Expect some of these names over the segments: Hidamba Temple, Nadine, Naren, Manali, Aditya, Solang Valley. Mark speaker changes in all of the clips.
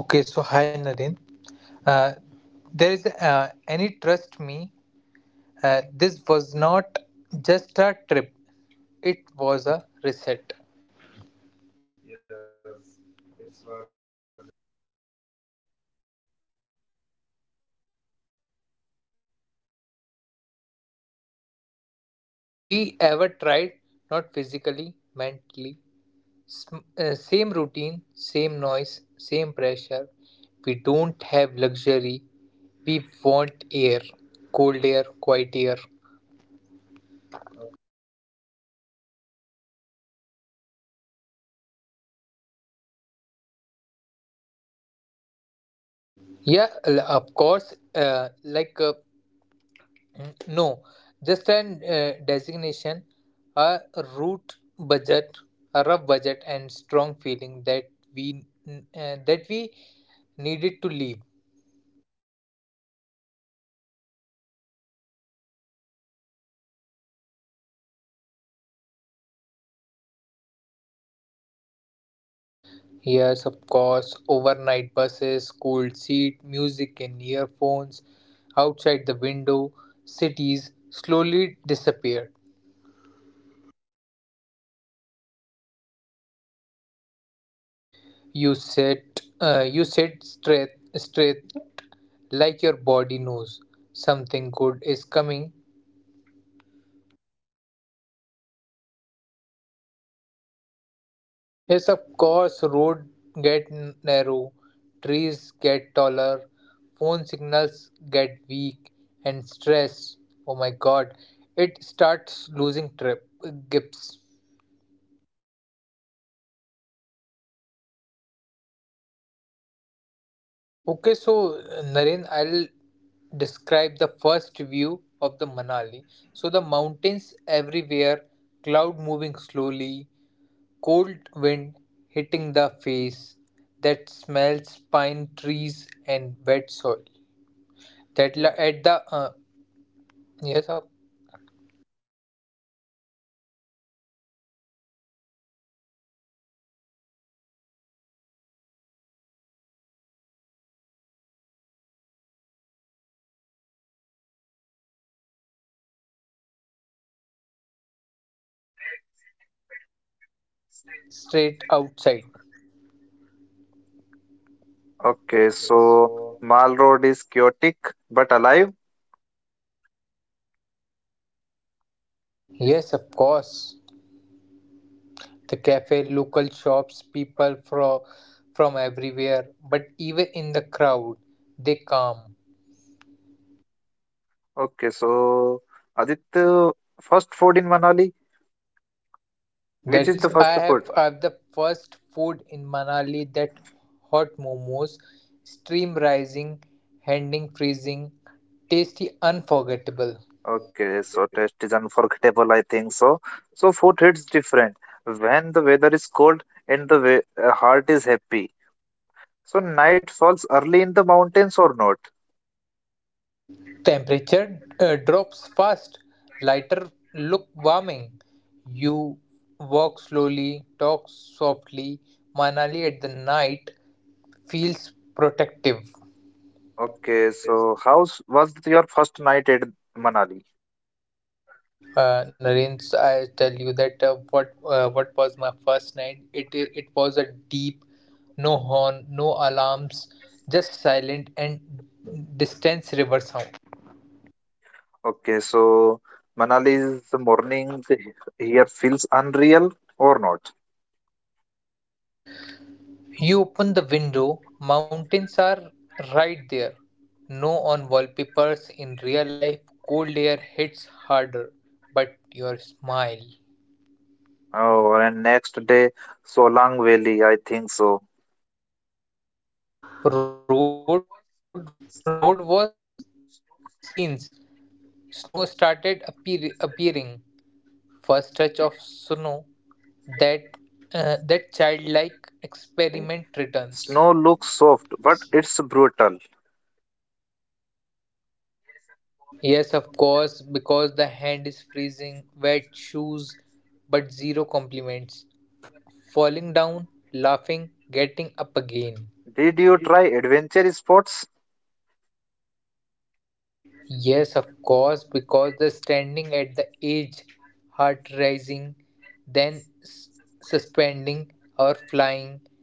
Speaker 1: Hi Nadine. Uh, there is any trust me. This was not just a trip; it was a reset. The because we ever tried, not physically, mentally. Same routine, same noise, same pressure. We don't have luxury. We want air, cold air, quiet air. Yeah, of course. Mm, No, just an designation, a root budget, a rough budget, and strong feeling that we that we needed to leave. Yes, of course. Overnight buses, cold seat, music in earphones, outside the window, cities slowly disappeared. You sit, you sit straight, straight, like your body knows something good is coming. Yes, of course. Road get narrow, trees get taller, phone signals get weak, and stress. Oh my god, it starts losing trip grips. Okay, so Naren, I'll describe the first view of the Manali. So the mountains everywhere, cloud moving slowly, cold wind hitting the face that smells pine trees and wet soil. That la- at the yes but we didn't but we didn't rest, we dropped bags and went straight outside.
Speaker 2: Okay,
Speaker 1: Okay,
Speaker 2: so
Speaker 1: so
Speaker 2: Mall Road is chaotic but alive.
Speaker 1: yes, of course, the cafe, local shops, people from everywhere, but even in the crowd they calm.
Speaker 2: Okay, so Aditya, first food in Manali, which is
Speaker 1: That
Speaker 2: the first
Speaker 1: I
Speaker 2: food?
Speaker 1: have I the first food in Manali, that hot momos, steam rising, handing freezing, tasty, unforgettable.
Speaker 2: Okay, so taste is unforgettable, I think so. So food hits different when the weather is cold and the way, heart is happy. So night falls early in the mountains or not?
Speaker 1: Temperature drops fast, lighter look warming. You walk slowly, talk softly. Manali at the night feels protective.
Speaker 2: Okay, so how was your first night at Manali?
Speaker 1: Naren, I tell you that what was my first night? It was a deep, no horn, no alarms, just silent and distant river sound.
Speaker 2: Okay, so Manali's morning here feels unreal or not?
Speaker 1: You open the window, mountains are right there. No on wallpapers in real life, cold air hits harder, but your smile.
Speaker 2: Oh, and next day, Solang Valley, I think so.
Speaker 1: Road road was scenes. Snow started appearing for a stretch of Sunu, that that childlike
Speaker 2: Okay.
Speaker 1: experiment returns.
Speaker 2: Snow looks soft, but it's brutal.
Speaker 1: Yes, of course, because the hand is freezing, wet shoes, but zero compliments. Falling down, laughing, getting up again.
Speaker 2: Did you try adventure sports?
Speaker 1: Yes, of course, because the standing at the edge, heart rising, then suspending or flying,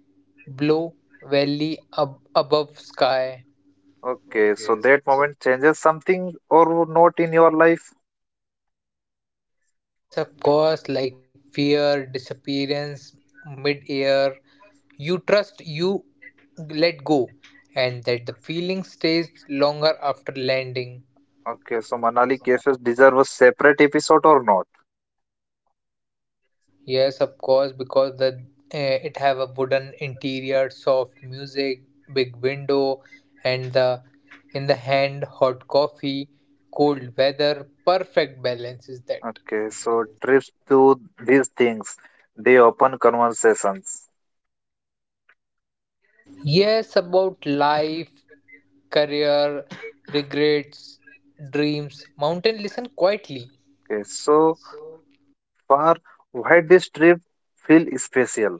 Speaker 1: blue valley above sky.
Speaker 2: Okay, so that
Speaker 1: Okay, so
Speaker 2: moment changes something or not in your life?
Speaker 1: Yes, of course, like fear, disappearance, mid air. You trust, you let go, and that the feeling stays longer after landing.
Speaker 2: Okay, so
Speaker 1: okay,
Speaker 2: Manali
Speaker 1: so
Speaker 2: cases deserve a separate episode or not?
Speaker 1: Yes, of course, because the it have a wooden interior, soft music, big window, and the in the hand hot coffee, cold weather, perfect balance is that.
Speaker 2: Okay, so trips to these things, they open conversations.
Speaker 1: Yes, about life, career, regrets, dreams. Mountain listen quietly.
Speaker 2: Okay, so far, why this trip feel special.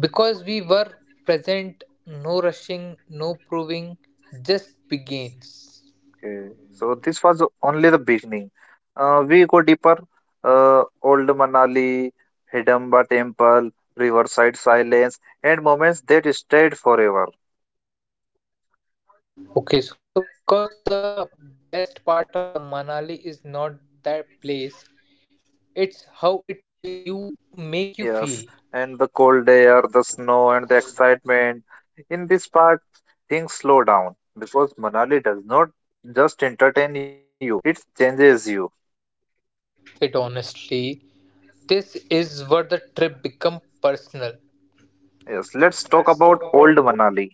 Speaker 1: Because we were present, no rushing, no proving, just begins.
Speaker 2: Okay. So this was only the beginning. We go deeper. Old Manali, Hidamba Temple, Riverside Silence, and moments that stayed forever.
Speaker 1: Okay, so because the best part of the Manali is not that place, it's how it feel you make you feel
Speaker 2: Yes, and the cold air, the snow, and the excitement. In this part, things slow down because Manali does not just entertain you, it changes you.
Speaker 1: it honestly. This is where the trip become personal.
Speaker 2: Yes, let's talk about old Manali.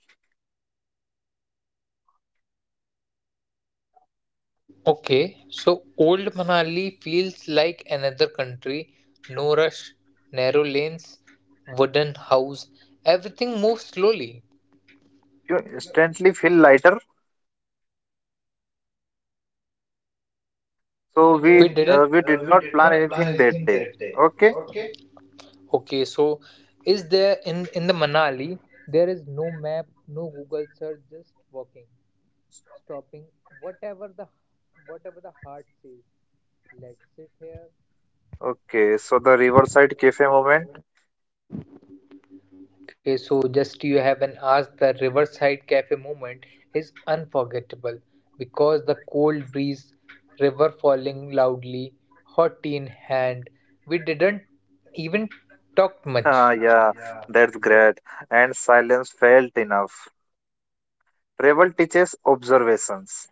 Speaker 1: Okay, so Old Manali feels like another country. No rush, narrow lanes, wooden house. Everything moves slowly.
Speaker 2: You instantly feel lighter. So we uh, we did
Speaker 1: We
Speaker 2: not
Speaker 1: did
Speaker 2: plan
Speaker 1: not plan
Speaker 2: anything that
Speaker 1: anything
Speaker 2: day.
Speaker 1: that day.
Speaker 2: Okay.
Speaker 1: Okay. Okay, so is there in the Manali? There is no map, no Google search, just walking, stopping, whatever the whatever the heart says. Let's sit here.
Speaker 2: Okay, so the Riverside Cafe moment.
Speaker 1: Okay, so just you haven't asked, the Riverside Cafe moment is unforgettable because the cold breeze, river falling loudly, hot tea in hand. We didn't even talk much.
Speaker 2: Ah, yeah, that's great. And silence felt enough. Travel teaches observations.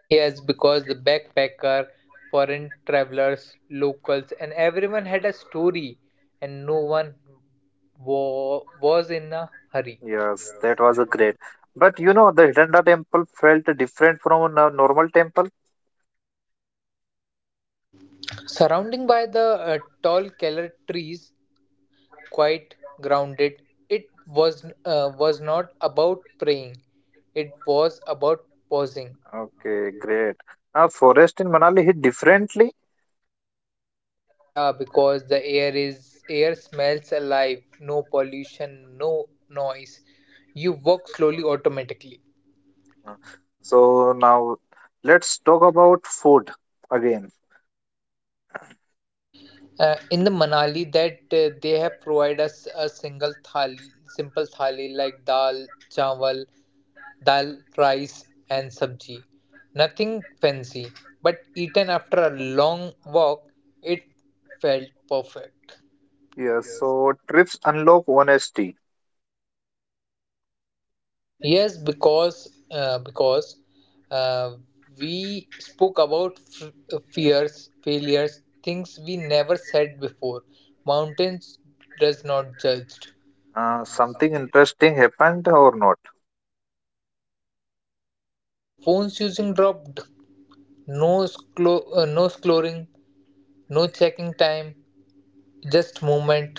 Speaker 1: Yes, because the backpacker, foreign travelers, locals, and everyone had a story, and no one was in a hurry.
Speaker 2: Yes, that was a great. But the Hidanda temple felt different from a normal temple.
Speaker 1: Surrounding by the tall keller trees, quite grounded. It was not about praying. It was about pausing.
Speaker 2: Okay, great. Now, forest in Manali hit differently.
Speaker 1: Yeah, because the air is air smells alive. No pollution, no noise. You walk slowly automatically.
Speaker 2: Uh, So now let's talk about food again.
Speaker 1: In the Manali, that they have provided us a single thali, simple thali like dal, chawal, dal, rice, and sabji. Nothing fancy, but eaten after a long walk, it felt perfect.
Speaker 2: Yeah,
Speaker 1: Yes,
Speaker 2: so trips unlock honesty.
Speaker 1: yes, because uh, we spoke about fears, failures, things we never said before. Mountains does not judge.
Speaker 2: Uh, something
Speaker 1: Something.
Speaker 2: interesting happened or not?
Speaker 1: Phones using dropped. No scoring, no checking time, just movement.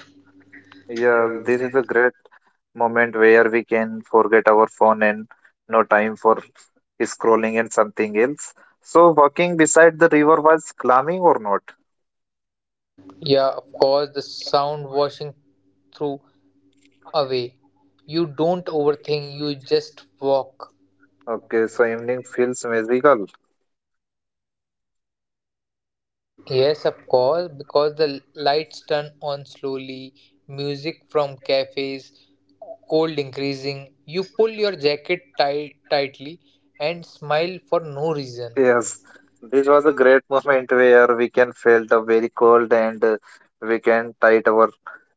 Speaker 2: Yeah,
Speaker 1: Yeah,
Speaker 2: this is
Speaker 1: this
Speaker 2: a
Speaker 1: is
Speaker 2: great moment where we can forget our phone and no time for scrolling and something else. So, walking beside the river was climbing or not?
Speaker 1: Yeah, of course, the sound washing through away. You don't overthink, you just walk.
Speaker 2: Okay,
Speaker 1: Okay.
Speaker 2: so
Speaker 1: So in
Speaker 2: evening feels magical.
Speaker 1: Yes, of course, because the lights turn on slowly, music from cafes, cold increasing. You pull your jacket tightly and smile for no reason.
Speaker 2: Yes,
Speaker 1: Yes.
Speaker 2: this was a great moment where we can felt a very cold and we can tight our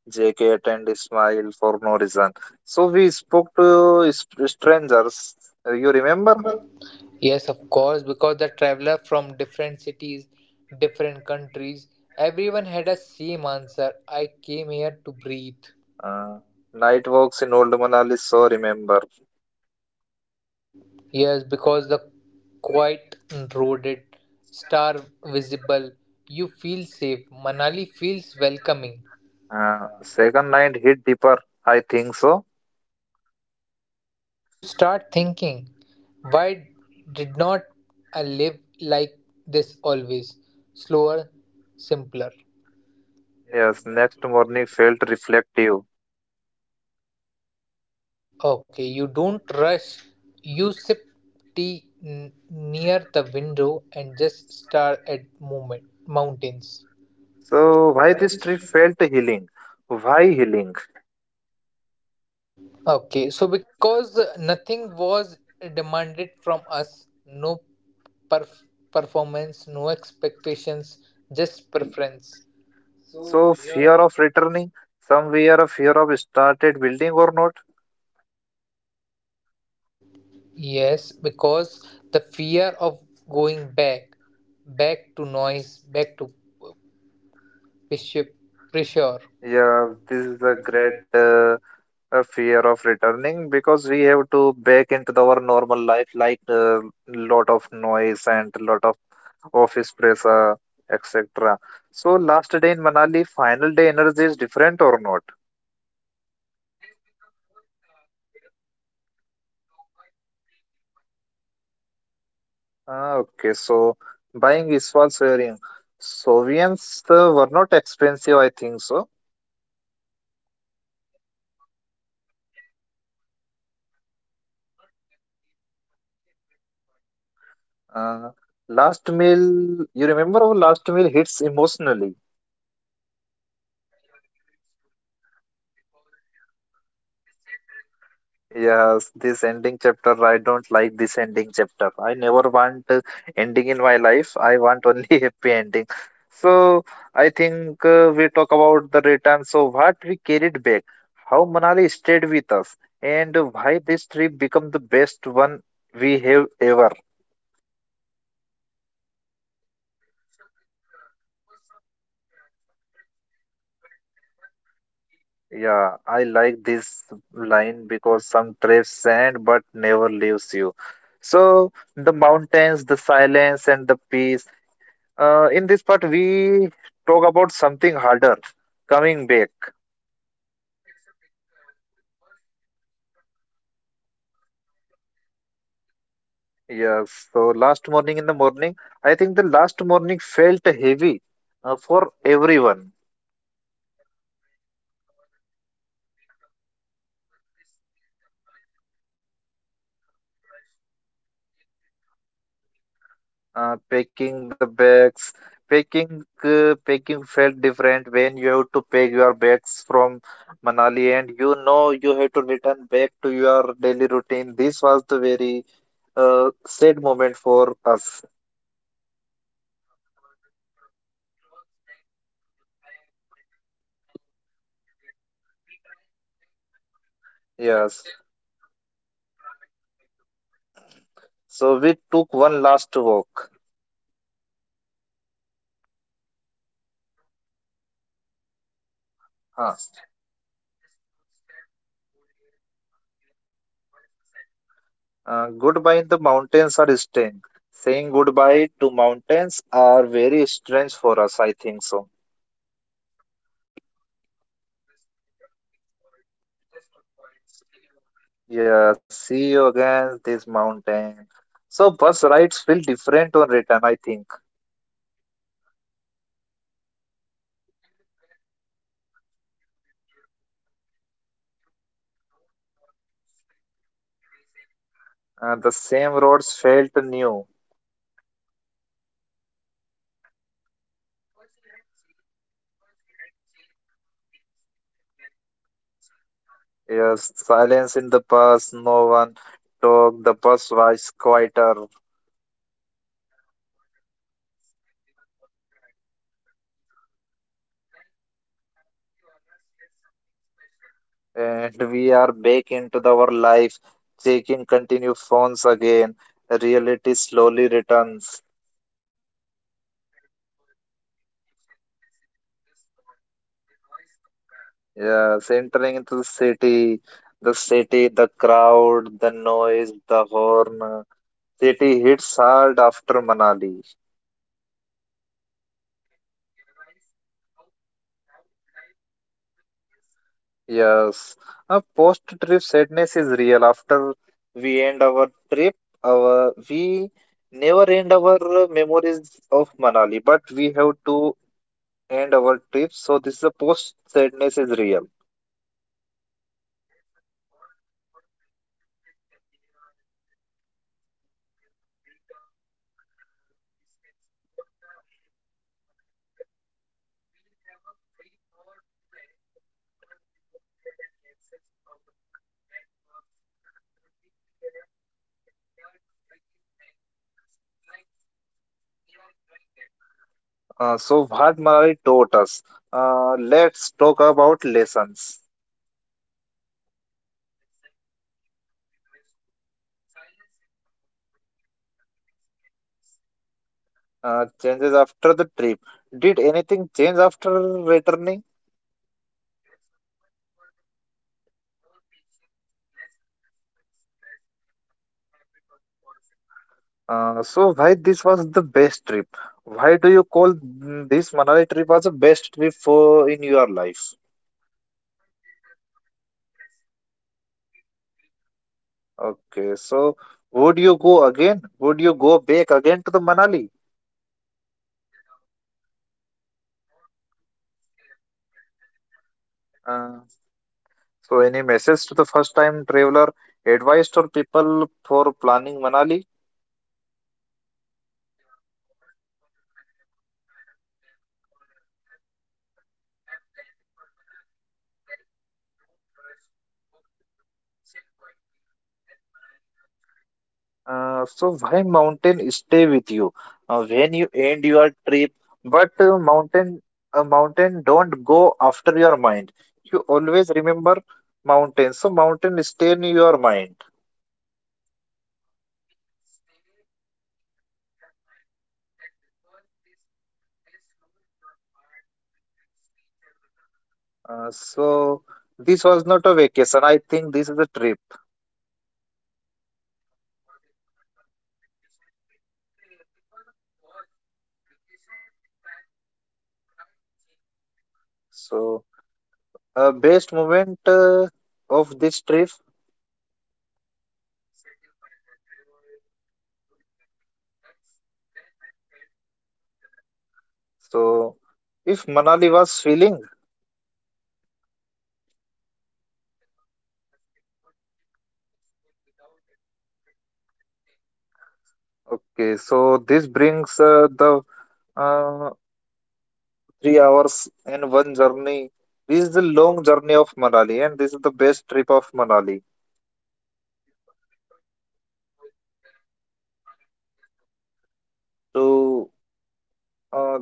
Speaker 2: jacket and smile for no reason. So we spoke to strangers. You
Speaker 1: You
Speaker 2: remember?
Speaker 1: remember? Yes, of course, because the traveler from different cities, different countries, everyone had a same answer. I came here to breathe.
Speaker 2: Uh, night walks in Old Manali, so remember.
Speaker 1: Yes, because the quiet roaded, star visible, you feel safe. Manali feels welcoming.
Speaker 2: Uh,
Speaker 1: Uh,
Speaker 2: second night hit deeper, I think so.
Speaker 1: You start thinking, why did not I live like this always? Slower, simpler. Yes.
Speaker 2: Yes,
Speaker 1: Next
Speaker 2: next morning
Speaker 1: morning,
Speaker 2: felt reflective.
Speaker 1: okay, you don't rush. You sip tea near the window and just stare at moment mountains.
Speaker 2: So
Speaker 1: So
Speaker 2: why this
Speaker 1: why this
Speaker 2: trip
Speaker 1: trip?
Speaker 2: felt healing? Why healing?
Speaker 1: Okay, so because nothing was demanded from us, no perf- performance, no expectations, just preference.
Speaker 2: So
Speaker 1: So
Speaker 2: fear
Speaker 1: fear.
Speaker 2: of returning somewhere, a fear of started building or not.
Speaker 1: Yes, because the fear of going back, back to noise, back to Bishop Pressure.
Speaker 2: Yeah,
Speaker 1: Yeah,
Speaker 2: this
Speaker 1: this
Speaker 2: is
Speaker 1: is
Speaker 2: a
Speaker 1: a
Speaker 2: great.
Speaker 1: great.
Speaker 2: A fear of returning because we have to back into our normal life, like lot of noise and lot of office pressure, etc. So last day in Manali, final day energy is different or not?
Speaker 1: Yes, become more aware. You look longer, feel deeper.
Speaker 2: Ah, okay, so buying is for sharing. Soviets were not expensive, I think so.
Speaker 1: Yes, because the local caps, small handicraft, not memory, memory and remembers.
Speaker 2: Uh,
Speaker 1: Uh,
Speaker 2: last meal, you remember our last meal hits emotionally.
Speaker 1: Yeah, you eat slowly because you know this chapter is ended.
Speaker 2: Yes, this ending chapter, I don't like this ending chapter. I never want ending in my life. I want only happy ending. So I think we talk about the return. So what we carried back, how Manali stayed with us, and why this trip become the best one we have ever.
Speaker 1: Yeah, okay. So because some trips end but never leave you.
Speaker 2: Yeah, I like this line because some craves sand but never leaves you. So the mountains, the silence, and the peace. In this part, we talk about something harder, coming back.
Speaker 1: Okay, so because returning from Manali was harder than reacting it.
Speaker 2: Yes. So last morning in the morning, I think the last morning felt heavy for everyone.
Speaker 1: Yeah, very, because you wake up knowing this is the final view. You don't rush, you take it in slowly.
Speaker 2: Packing the bags packing packing felt different when you have to pack your bags from manali, and you know you have to return back to your daily routine. This was the very uh, sad moment for us.
Speaker 1: Yeah, because the clothes went into the bag, but the calm didn't. We tried to pack memories, but
Speaker 2: Yes,
Speaker 1: yeah, still, we don't try to pack the memories.
Speaker 2: so we took one last walk
Speaker 1: No talking.
Speaker 2: huh.
Speaker 1: Just, just footstep, cold air, mountains, watching silently.
Speaker 2: Goodbye in the mountains are strange, saying goodbye to mountains are very strange for us, I think so.
Speaker 1: Yes, of course, because the no promise, no dramatic word, just a quiet see you again.
Speaker 2: Yeah, see you again, this mountain. So bus rides feel different on return, I think.
Speaker 1: You look back more, you replay moments, you don't want sleep to erase anything.
Speaker 2: The same roads felt new.
Speaker 1: Because you had changed mountains looking like teaching nows.
Speaker 2: Yes, silence in the bus, no one talked. The bus was quieter,
Speaker 1: Yeah, of course, everyone was tried, but peaceful. Like we all are shared something special.
Speaker 2: and we are back into our life, checking continue phones again. Reality slowly returns.
Speaker 1: Yeah, because the notification, messages, missed call, the noise come back.
Speaker 2: Yes, entering into the city, the crowd, the noise, the horn. City hits hard after Manali.
Speaker 1: Yeah, you realize how loud life usually is.
Speaker 2: Yes, a post-trip sadness is real. After we end our trip, our we never end our memories of Manali, but we have to end our trip. So this is a post sadness is real.
Speaker 1: Yes, of course, because you miss the air, you miss the peace, you miss the freedom, and all of these things. Because the it in the Manali trips, we have a free for do anything because we don't have any access of the phone networks. Only we have in the trees and like we are enjoying that moment.
Speaker 2: So what Manali taught us. Let's talk about lessons.
Speaker 1: Okay, life doesn't need to be rushed. Silence is powerful and happiness can be simple.
Speaker 2: Changes after the trip. Did anything change after returning?
Speaker 1: Yes, of course, because the more patience, less unnecessary stress, and a habit of pausing.
Speaker 2: So why this was the best trip? Why do you call this Manali trip as the best trip for in your life?
Speaker 1: Because it does not impressing me, it healed me.
Speaker 2: Okay, so would you go again? Would you go back again to the Manali?
Speaker 1: Without thinking, not to escape, but the
Speaker 2: Uh,
Speaker 1: remembers.
Speaker 2: so any message to the first time traveler, advice for people for planning Manali?
Speaker 1: Yeah, of course, because I have planning for I have planning for Manali that don't rush, walk more, sit quietly, let Manali comes to you.
Speaker 2: So why mountain stay with you when you end your trip, but mountain don't go after your mind. You always remember mountain, so mountain stay in your mind.
Speaker 1: Mountains stay in your mind that because this they slow your heart to its nature rhythms.
Speaker 2: So this was not a vacation. I think this is a trip.
Speaker 1: Yeah, of course, it's not a vacation. It was a pause. Vacation entire you tried changing you.
Speaker 2: So best moment of this trip.
Speaker 1: Sitting by the river, doing nothing, that's when I felt most alive.
Speaker 2: So if Manali was feeling.
Speaker 1: Yeah, of course, it would be peaceful without expect explaining. Ex-
Speaker 2: Okay, so this brings the uh, 3 hours in one journey. This is the long journey of Manali, and this is the best trip of Manali.
Speaker 1: yeah, some people don't call you back. Manali doesn't.
Speaker 2: So, uh,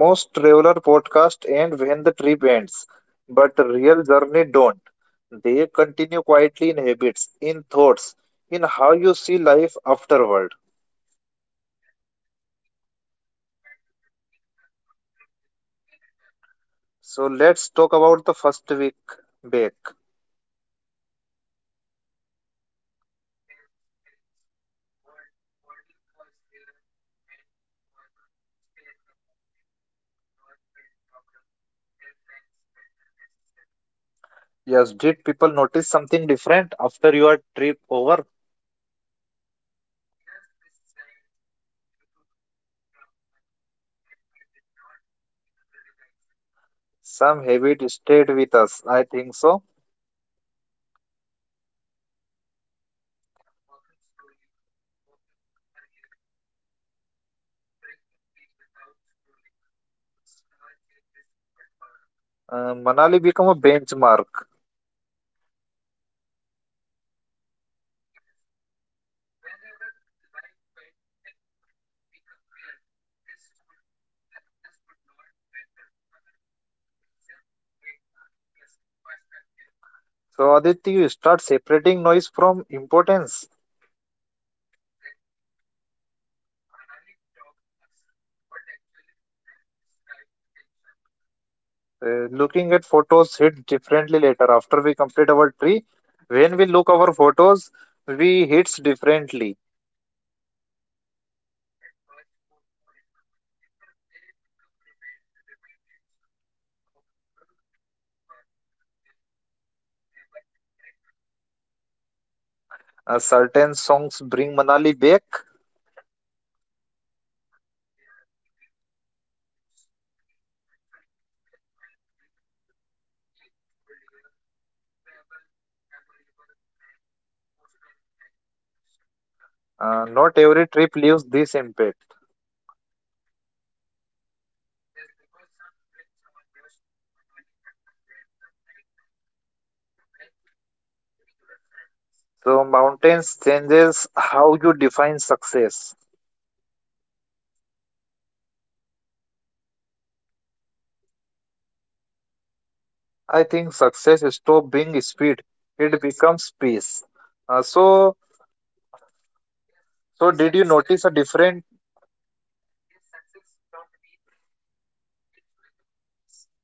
Speaker 2: most traveler podcast end when the trip ends, but real journey don't. They continue quietly in habits, in thoughts, in how you see life afterward.
Speaker 1: And honestly, Manali start affecting us after we return.
Speaker 2: So let's talk about the first week back.
Speaker 1: Here's strange: body was here, mind was still in the mountains. Work felt louder, deadlines felt unnecessary.
Speaker 2: Yes, did people notice something different after your trip over?
Speaker 1: Yes, this said, you look calm, and I did not even realize it.
Speaker 2: Some habit
Speaker 1: David
Speaker 2: stayed
Speaker 1: stayed
Speaker 2: with
Speaker 1: with.
Speaker 2: us. I think so.
Speaker 1: Yeah, walking slowly, walking earlierly, drinking tea without scrolling. Small changes but powerful.
Speaker 2: Manali become a benchmark.
Speaker 1: Yes, whenever life felt heavy, we compared, this would this would not matter in Manali. Instant pre- perspective.
Speaker 2: So Aditya, you start separating noise from importance.
Speaker 1: Exactly. Manali taught us what actually described attentions.
Speaker 2: Looking at photos hit differently later. After we complete our tree, when we look our photos, we hits differently.
Speaker 1: At first, photo and memory. Later, they become reminders of who you were when you ever light.
Speaker 2: Certain songs bring Manali back.
Speaker 1: Yeah, immediately. You, you smell pine trees, feel cold air, travel, memorable and emotional time machines.
Speaker 2: Not every trip leaves this impact.
Speaker 1: Yes, because some trips are rushed, Manali happens at the right time when you needed silence.
Speaker 2: So mountains changes how you define success. I
Speaker 1: I
Speaker 2: think
Speaker 1: think success
Speaker 2: success stop
Speaker 1: stop
Speaker 2: being
Speaker 1: being
Speaker 2: speed.
Speaker 1: speed. It
Speaker 2: It
Speaker 1: Yes,
Speaker 2: becomes
Speaker 1: becomes
Speaker 2: peace.
Speaker 1: pace.
Speaker 2: Uh,
Speaker 1: Uh,
Speaker 2: so,
Speaker 1: so yes, so
Speaker 2: so did
Speaker 1: did you
Speaker 2: you notice
Speaker 1: success?
Speaker 2: a different?
Speaker 1: Yes, success stopped being stealing. It's become peace.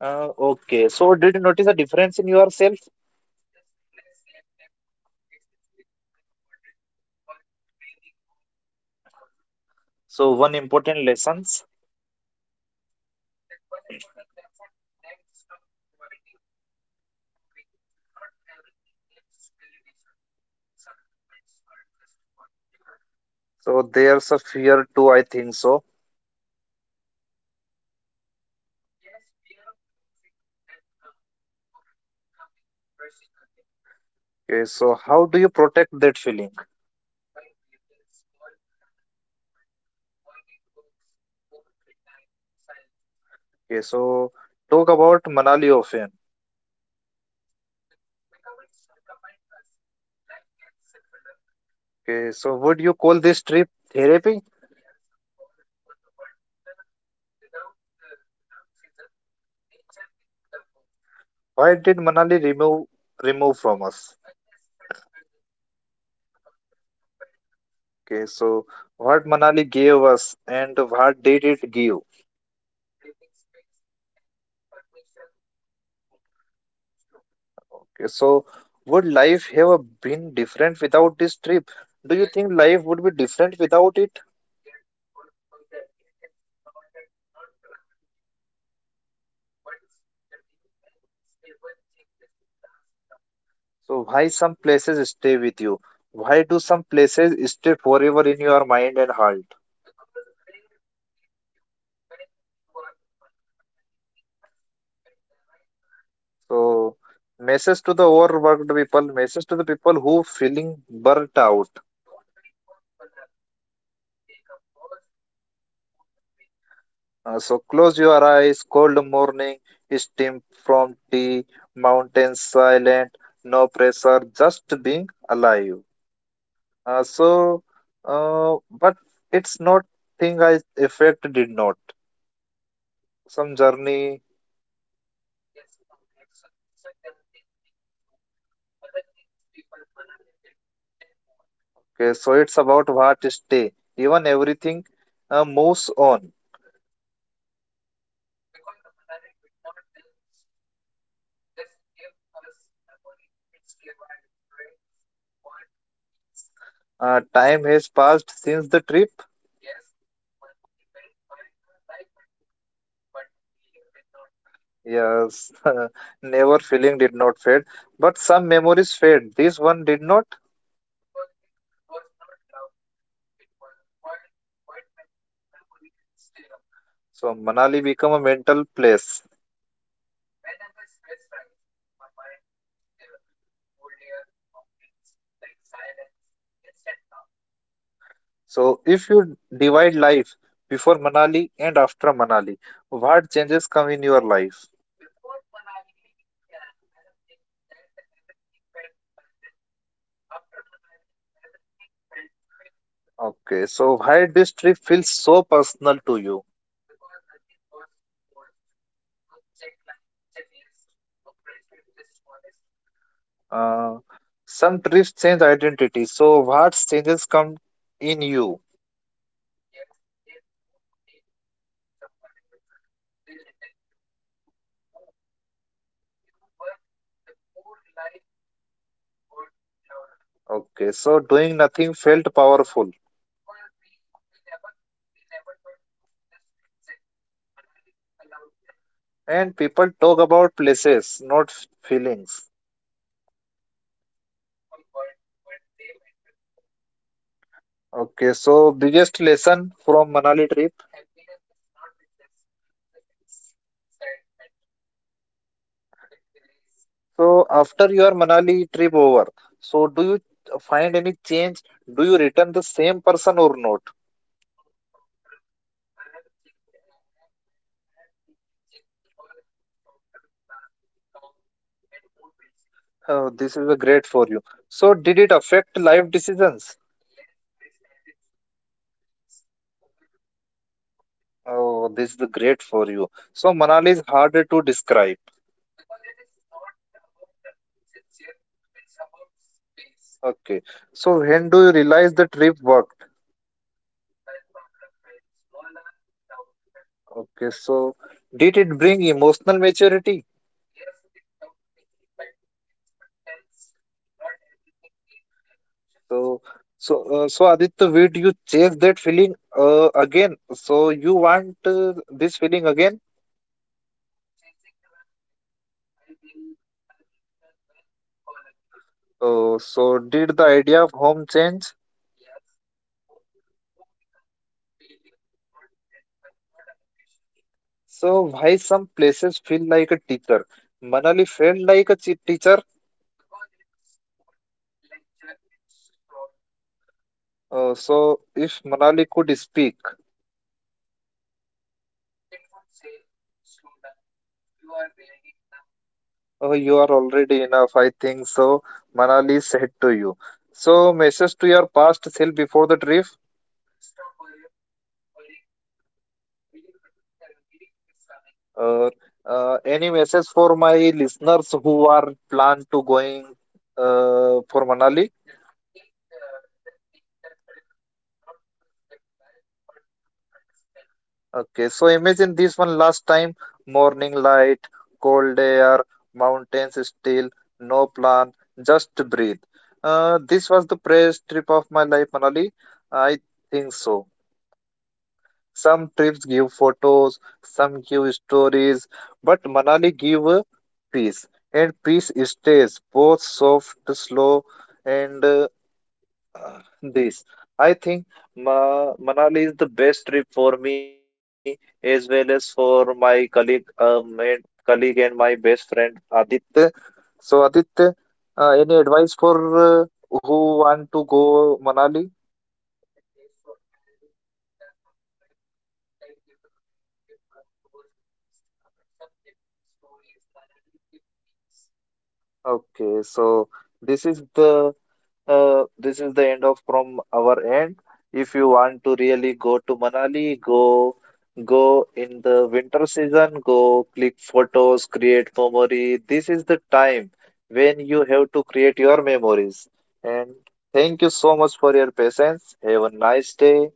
Speaker 2: Uh,
Speaker 1: Okay.
Speaker 2: okay. So did you notice
Speaker 1: Notice
Speaker 2: a
Speaker 1: the
Speaker 2: difference
Speaker 1: difference
Speaker 2: in
Speaker 1: in
Speaker 2: yourself?
Speaker 1: yourself. Yes, less reactive, more patiently, more awarded for breathing of pause.
Speaker 2: So
Speaker 1: So
Speaker 2: one
Speaker 1: one
Speaker 2: important
Speaker 1: important lessons.
Speaker 2: lessons.
Speaker 1: That one important lesson is that stop proving, not everything needs validation. Some moments are just for you.
Speaker 2: So there's a fear
Speaker 1: Two,
Speaker 2: too.
Speaker 1: I
Speaker 2: I
Speaker 1: think
Speaker 2: think so.
Speaker 1: so. Yes, fear of losing that calm or becoming rushing again.
Speaker 2: Okay. So how do you protect that feeling?
Speaker 1: By creating small Manali movement, morning walks, phone free time, silence.
Speaker 2: Okay. So
Speaker 1: So talk
Speaker 2: talk about
Speaker 1: about Manali
Speaker 2: Manali often.
Speaker 1: often. Become its recommend us. Life can simpler.
Speaker 2: Okay. So would you call this trip therapy?
Speaker 1: Therapy? Yes, of course, because the but without season, nature did the work.
Speaker 2: Why did Manali remove from us?
Speaker 1: Unnecessary urgently, and contest comparisons.
Speaker 2: Okay. So what
Speaker 1: What
Speaker 2: Manali
Speaker 1: Manali gave?
Speaker 2: gave us and what did it give?
Speaker 1: Breathing space and permission to go slow.
Speaker 2: Okay, so would life
Speaker 1: Would
Speaker 2: have
Speaker 1: have been
Speaker 2: been different
Speaker 1: different
Speaker 2: without
Speaker 1: without
Speaker 2: this
Speaker 1: this trip.
Speaker 2: trip? Do
Speaker 1: Do
Speaker 2: you
Speaker 1: yes,
Speaker 2: think life
Speaker 1: life
Speaker 2: would be
Speaker 1: would
Speaker 2: different
Speaker 1: different
Speaker 2: without
Speaker 1: without.
Speaker 2: it?
Speaker 1: Yes, of course, because the, it is not a, not dramatically but steady and stable changes last longer.
Speaker 2: So why some places stay with you? Why
Speaker 1: Why do
Speaker 2: do some places
Speaker 1: places
Speaker 2: stay forever
Speaker 1: forever
Speaker 2: in
Speaker 1: in
Speaker 2: your
Speaker 1: your
Speaker 2: mind
Speaker 1: mind
Speaker 2: and
Speaker 1: and heart?
Speaker 2: heart?
Speaker 1: Because they meet you when you are open. Manali meet us at the right moment.
Speaker 2: So message to
Speaker 1: To
Speaker 2: the
Speaker 1: the
Speaker 2: overworked
Speaker 1: overworked
Speaker 2: people,
Speaker 1: people,
Speaker 2: message to the people
Speaker 1: people
Speaker 2: who
Speaker 1: who feeling
Speaker 2: feeling
Speaker 1: burnt
Speaker 2: burnt out.
Speaker 1: out. Don't wait for collapse. Take a pause before you break.
Speaker 2: So close your
Speaker 1: Your
Speaker 2: eyes,
Speaker 1: eyes,
Speaker 2: cold morning, steam from tea, mountains
Speaker 1: mountains
Speaker 2: silent,
Speaker 1: silent,
Speaker 2: no
Speaker 1: no
Speaker 2: pressure,
Speaker 1: pressure,
Speaker 2: just
Speaker 1: just
Speaker 2: being
Speaker 1: being alive.
Speaker 2: alive.
Speaker 1: Uh,
Speaker 2: Uh, so,
Speaker 1: so,
Speaker 2: uh, but
Speaker 1: but
Speaker 2: it's
Speaker 1: it's
Speaker 2: not
Speaker 1: not
Speaker 2: thing
Speaker 1: thing
Speaker 2: I
Speaker 1: I effect
Speaker 2: effect did
Speaker 1: did
Speaker 2: not.
Speaker 1: not. Some
Speaker 2: Some journey.
Speaker 1: journey. Yes, okay. So some journey changes route, other changes people. Manali did both
Speaker 2: Okay, so it's about what stay. Even everything moves on.
Speaker 1: because the Manali did not judge, just give us memory. It's gave a reference point of peace.
Speaker 2: Time has passed since the trip.
Speaker 1: Yes, monthly went by. The life continued, but the feeling did not fade.
Speaker 2: Yes, never feeling did not fade, but
Speaker 1: But
Speaker 2: some
Speaker 1: some
Speaker 2: memories
Speaker 1: memories,
Speaker 2: fade. This
Speaker 1: this
Speaker 2: one
Speaker 1: one
Speaker 2: did
Speaker 1: did
Speaker 2: not.
Speaker 1: not. Because it was not loud. It was a quiet, quiet memory stay longer.
Speaker 2: So Manali become
Speaker 1: Become
Speaker 2: a
Speaker 1: a
Speaker 2: mental
Speaker 1: mental
Speaker 2: place.
Speaker 1: place. Whenever stress rise, my mind goes there. Cold air, mountains, like silence, instant calm.
Speaker 2: So if you divide life
Speaker 1: Life,
Speaker 2: before Manali and after Manali, what
Speaker 1: what
Speaker 2: changes
Speaker 1: just
Speaker 2: come
Speaker 1: come
Speaker 2: in
Speaker 1: in
Speaker 2: your
Speaker 1: your.
Speaker 2: life?
Speaker 1: Before Manali, I have changes that the everything felt urgent. After Manali, everything felt manageable
Speaker 2: Okay, so why this trip feels so personal to you?
Speaker 1: because nothing was forced. No check line, checklist, no pressure, just honest moment.
Speaker 2: Uh, some trips change identity. So
Speaker 1: So,
Speaker 2: what changes come in
Speaker 1: in you.
Speaker 2: you?
Speaker 1: Yes, they don't make you someone else. They return you to who you were before life got loud.
Speaker 2: Okay, so doing nothing felt powerful.
Speaker 1: Because we never we never thought to just exact. Manali allowed that
Speaker 2: And people talk about places, not feelings.
Speaker 1: because but they matters more.
Speaker 2: Okay, so biggest lesson from Manali trip.
Speaker 1: Happiness is not exact excitement. It is
Speaker 2: So after your Manali trip over, so do you find
Speaker 1: find
Speaker 2: any
Speaker 1: any
Speaker 2: change?
Speaker 1: change. Do
Speaker 2: Do you
Speaker 1: you
Speaker 2: return
Speaker 1: return
Speaker 2: the
Speaker 1: the same
Speaker 2: same person
Speaker 1: person
Speaker 2: or
Speaker 1: or
Speaker 2: not?
Speaker 1: not? No, softer. I have changed. I have. I have totally changed because I am the softer, calm, and more patience.
Speaker 2: This is a great for you. So did
Speaker 1: Did
Speaker 2: it
Speaker 1: it
Speaker 2: affect life
Speaker 1: affect?
Speaker 2: decisions?
Speaker 1: Yes, I started choosing peace over proving
Speaker 2: Oh,
Speaker 1: oh.
Speaker 2: this is great for you. So
Speaker 1: So
Speaker 2: Manali
Speaker 1: Manali
Speaker 2: is
Speaker 1: is
Speaker 2: harder
Speaker 1: harder
Speaker 2: to
Speaker 1: to
Speaker 2: describe.
Speaker 1: describe because it is not about sincere. It's about space.
Speaker 2: Okay. So when do you realize the trip
Speaker 1: It worked
Speaker 2: worked?
Speaker 1: when problem felt smaller without affecting
Speaker 2: Okay.
Speaker 1: effect.
Speaker 2: So did it bring emotional maturity?
Speaker 1: Yes, it took expectance. Not everything need reactions.
Speaker 2: So so Aditya, did you chase that feeling
Speaker 1: Uh,
Speaker 2: again? So
Speaker 1: so
Speaker 2: you
Speaker 1: you want
Speaker 2: want this feeling
Speaker 1: reading
Speaker 2: again?
Speaker 1: again? No chasing running it. I will i will return when it call again.
Speaker 2: So
Speaker 1: Read
Speaker 2: did the idea
Speaker 1: the
Speaker 2: of home change?
Speaker 1: ideas. Yes, home home become a feeling, not at, not a location.
Speaker 2: So why some places feel like a teacher? Manali
Speaker 1: It
Speaker 2: felt
Speaker 1: felt
Speaker 2: like a teacher.
Speaker 1: because it would lecture its sword.
Speaker 2: So if Manali could speak.
Speaker 1: It would say slow down, you are really enough.
Speaker 2: Oh, you are already enough. I think so. Manali said to you. So, message to your past self before the trip.
Speaker 1: Stop worrying, relief is coming.
Speaker 2: Or any
Speaker 1: Any
Speaker 2: message
Speaker 1: message for
Speaker 2: for
Speaker 1: my
Speaker 2: my
Speaker 1: listeners
Speaker 2: listeners who are plan to going
Speaker 1: uh, for
Speaker 2: for Manali?
Speaker 1: Manali? The take just take the trip, not to escape life but to understand it. Okay,
Speaker 2: Okay. So,
Speaker 1: so
Speaker 2: imagine
Speaker 1: imagine
Speaker 2: this one last time. Morning light, cold air, mountains still, no plan, just breathe. This was the best trip of my life, Manali.
Speaker 1: in
Speaker 2: I
Speaker 1: South,
Speaker 2: think
Speaker 1: uh,
Speaker 2: so. Some trips give photos, some give stories, but Manali give peace. And peace stays both soft, slow, and this.
Speaker 1: I
Speaker 2: I
Speaker 1: do
Speaker 2: think Manali is the
Speaker 1: the best
Speaker 2: best
Speaker 1: trip
Speaker 2: trip for
Speaker 1: for me
Speaker 2: me
Speaker 1: as
Speaker 2: as
Speaker 1: well
Speaker 2: well
Speaker 1: as
Speaker 2: as
Speaker 1: for
Speaker 2: for
Speaker 1: my
Speaker 2: my
Speaker 1: colleague,
Speaker 2: colleague,
Speaker 1: uh, my
Speaker 2: and
Speaker 1: colleague
Speaker 2: colleague
Speaker 1: and
Speaker 2: and
Speaker 1: my
Speaker 2: my
Speaker 1: best
Speaker 2: best
Speaker 1: friend
Speaker 2: friend
Speaker 1: Aditya.
Speaker 2: Aditya.
Speaker 1: So
Speaker 2: So
Speaker 1: Aditya,
Speaker 2: Aditya,
Speaker 1: any
Speaker 2: any
Speaker 1: advice
Speaker 2: advice
Speaker 1: for
Speaker 2: for
Speaker 1: who
Speaker 2: who
Speaker 1: want to
Speaker 2: want to
Speaker 1: go?
Speaker 2: go Manali?
Speaker 1: Okay, so I'll give the some trips, like giving give photos, some giving stories. Manali give peace. Okay,
Speaker 2: Okay,
Speaker 1: so
Speaker 2: so
Speaker 1: this
Speaker 2: this
Speaker 1: is
Speaker 2: is the end of from our end. If you want to really go to Manali, go in the winter season, go click photos,
Speaker 1: great.
Speaker 2: create memory. This is the time when you have to create your memories.
Speaker 1: And
Speaker 2: And
Speaker 1: thank you
Speaker 2: thank you
Speaker 1: so
Speaker 2: so
Speaker 1: much
Speaker 2: much
Speaker 1: for
Speaker 2: for
Speaker 1: your
Speaker 2: your
Speaker 1: patience.
Speaker 2: patience.
Speaker 1: Have
Speaker 2: Have
Speaker 1: a
Speaker 2: a
Speaker 1: nice
Speaker 2: nice
Speaker 1: day.
Speaker 2: day.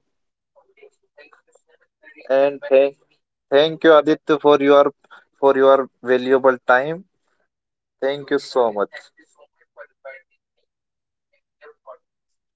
Speaker 1: Okay, so thank you so much, Naren, to. And thank,
Speaker 2: And
Speaker 1: inviting
Speaker 2: thank
Speaker 1: thank, me in thank
Speaker 2: thank
Speaker 1: the
Speaker 2: you
Speaker 1: you, your. Aditya,
Speaker 2: Aditya
Speaker 1: for
Speaker 2: for your
Speaker 1: your. Okay,
Speaker 2: valuable time.
Speaker 1: thank you
Speaker 2: Thank
Speaker 1: okay,
Speaker 2: you
Speaker 1: so
Speaker 2: so
Speaker 1: Naren, much.
Speaker 2: much.
Speaker 1: Thank you so much for inviting me in your podcast.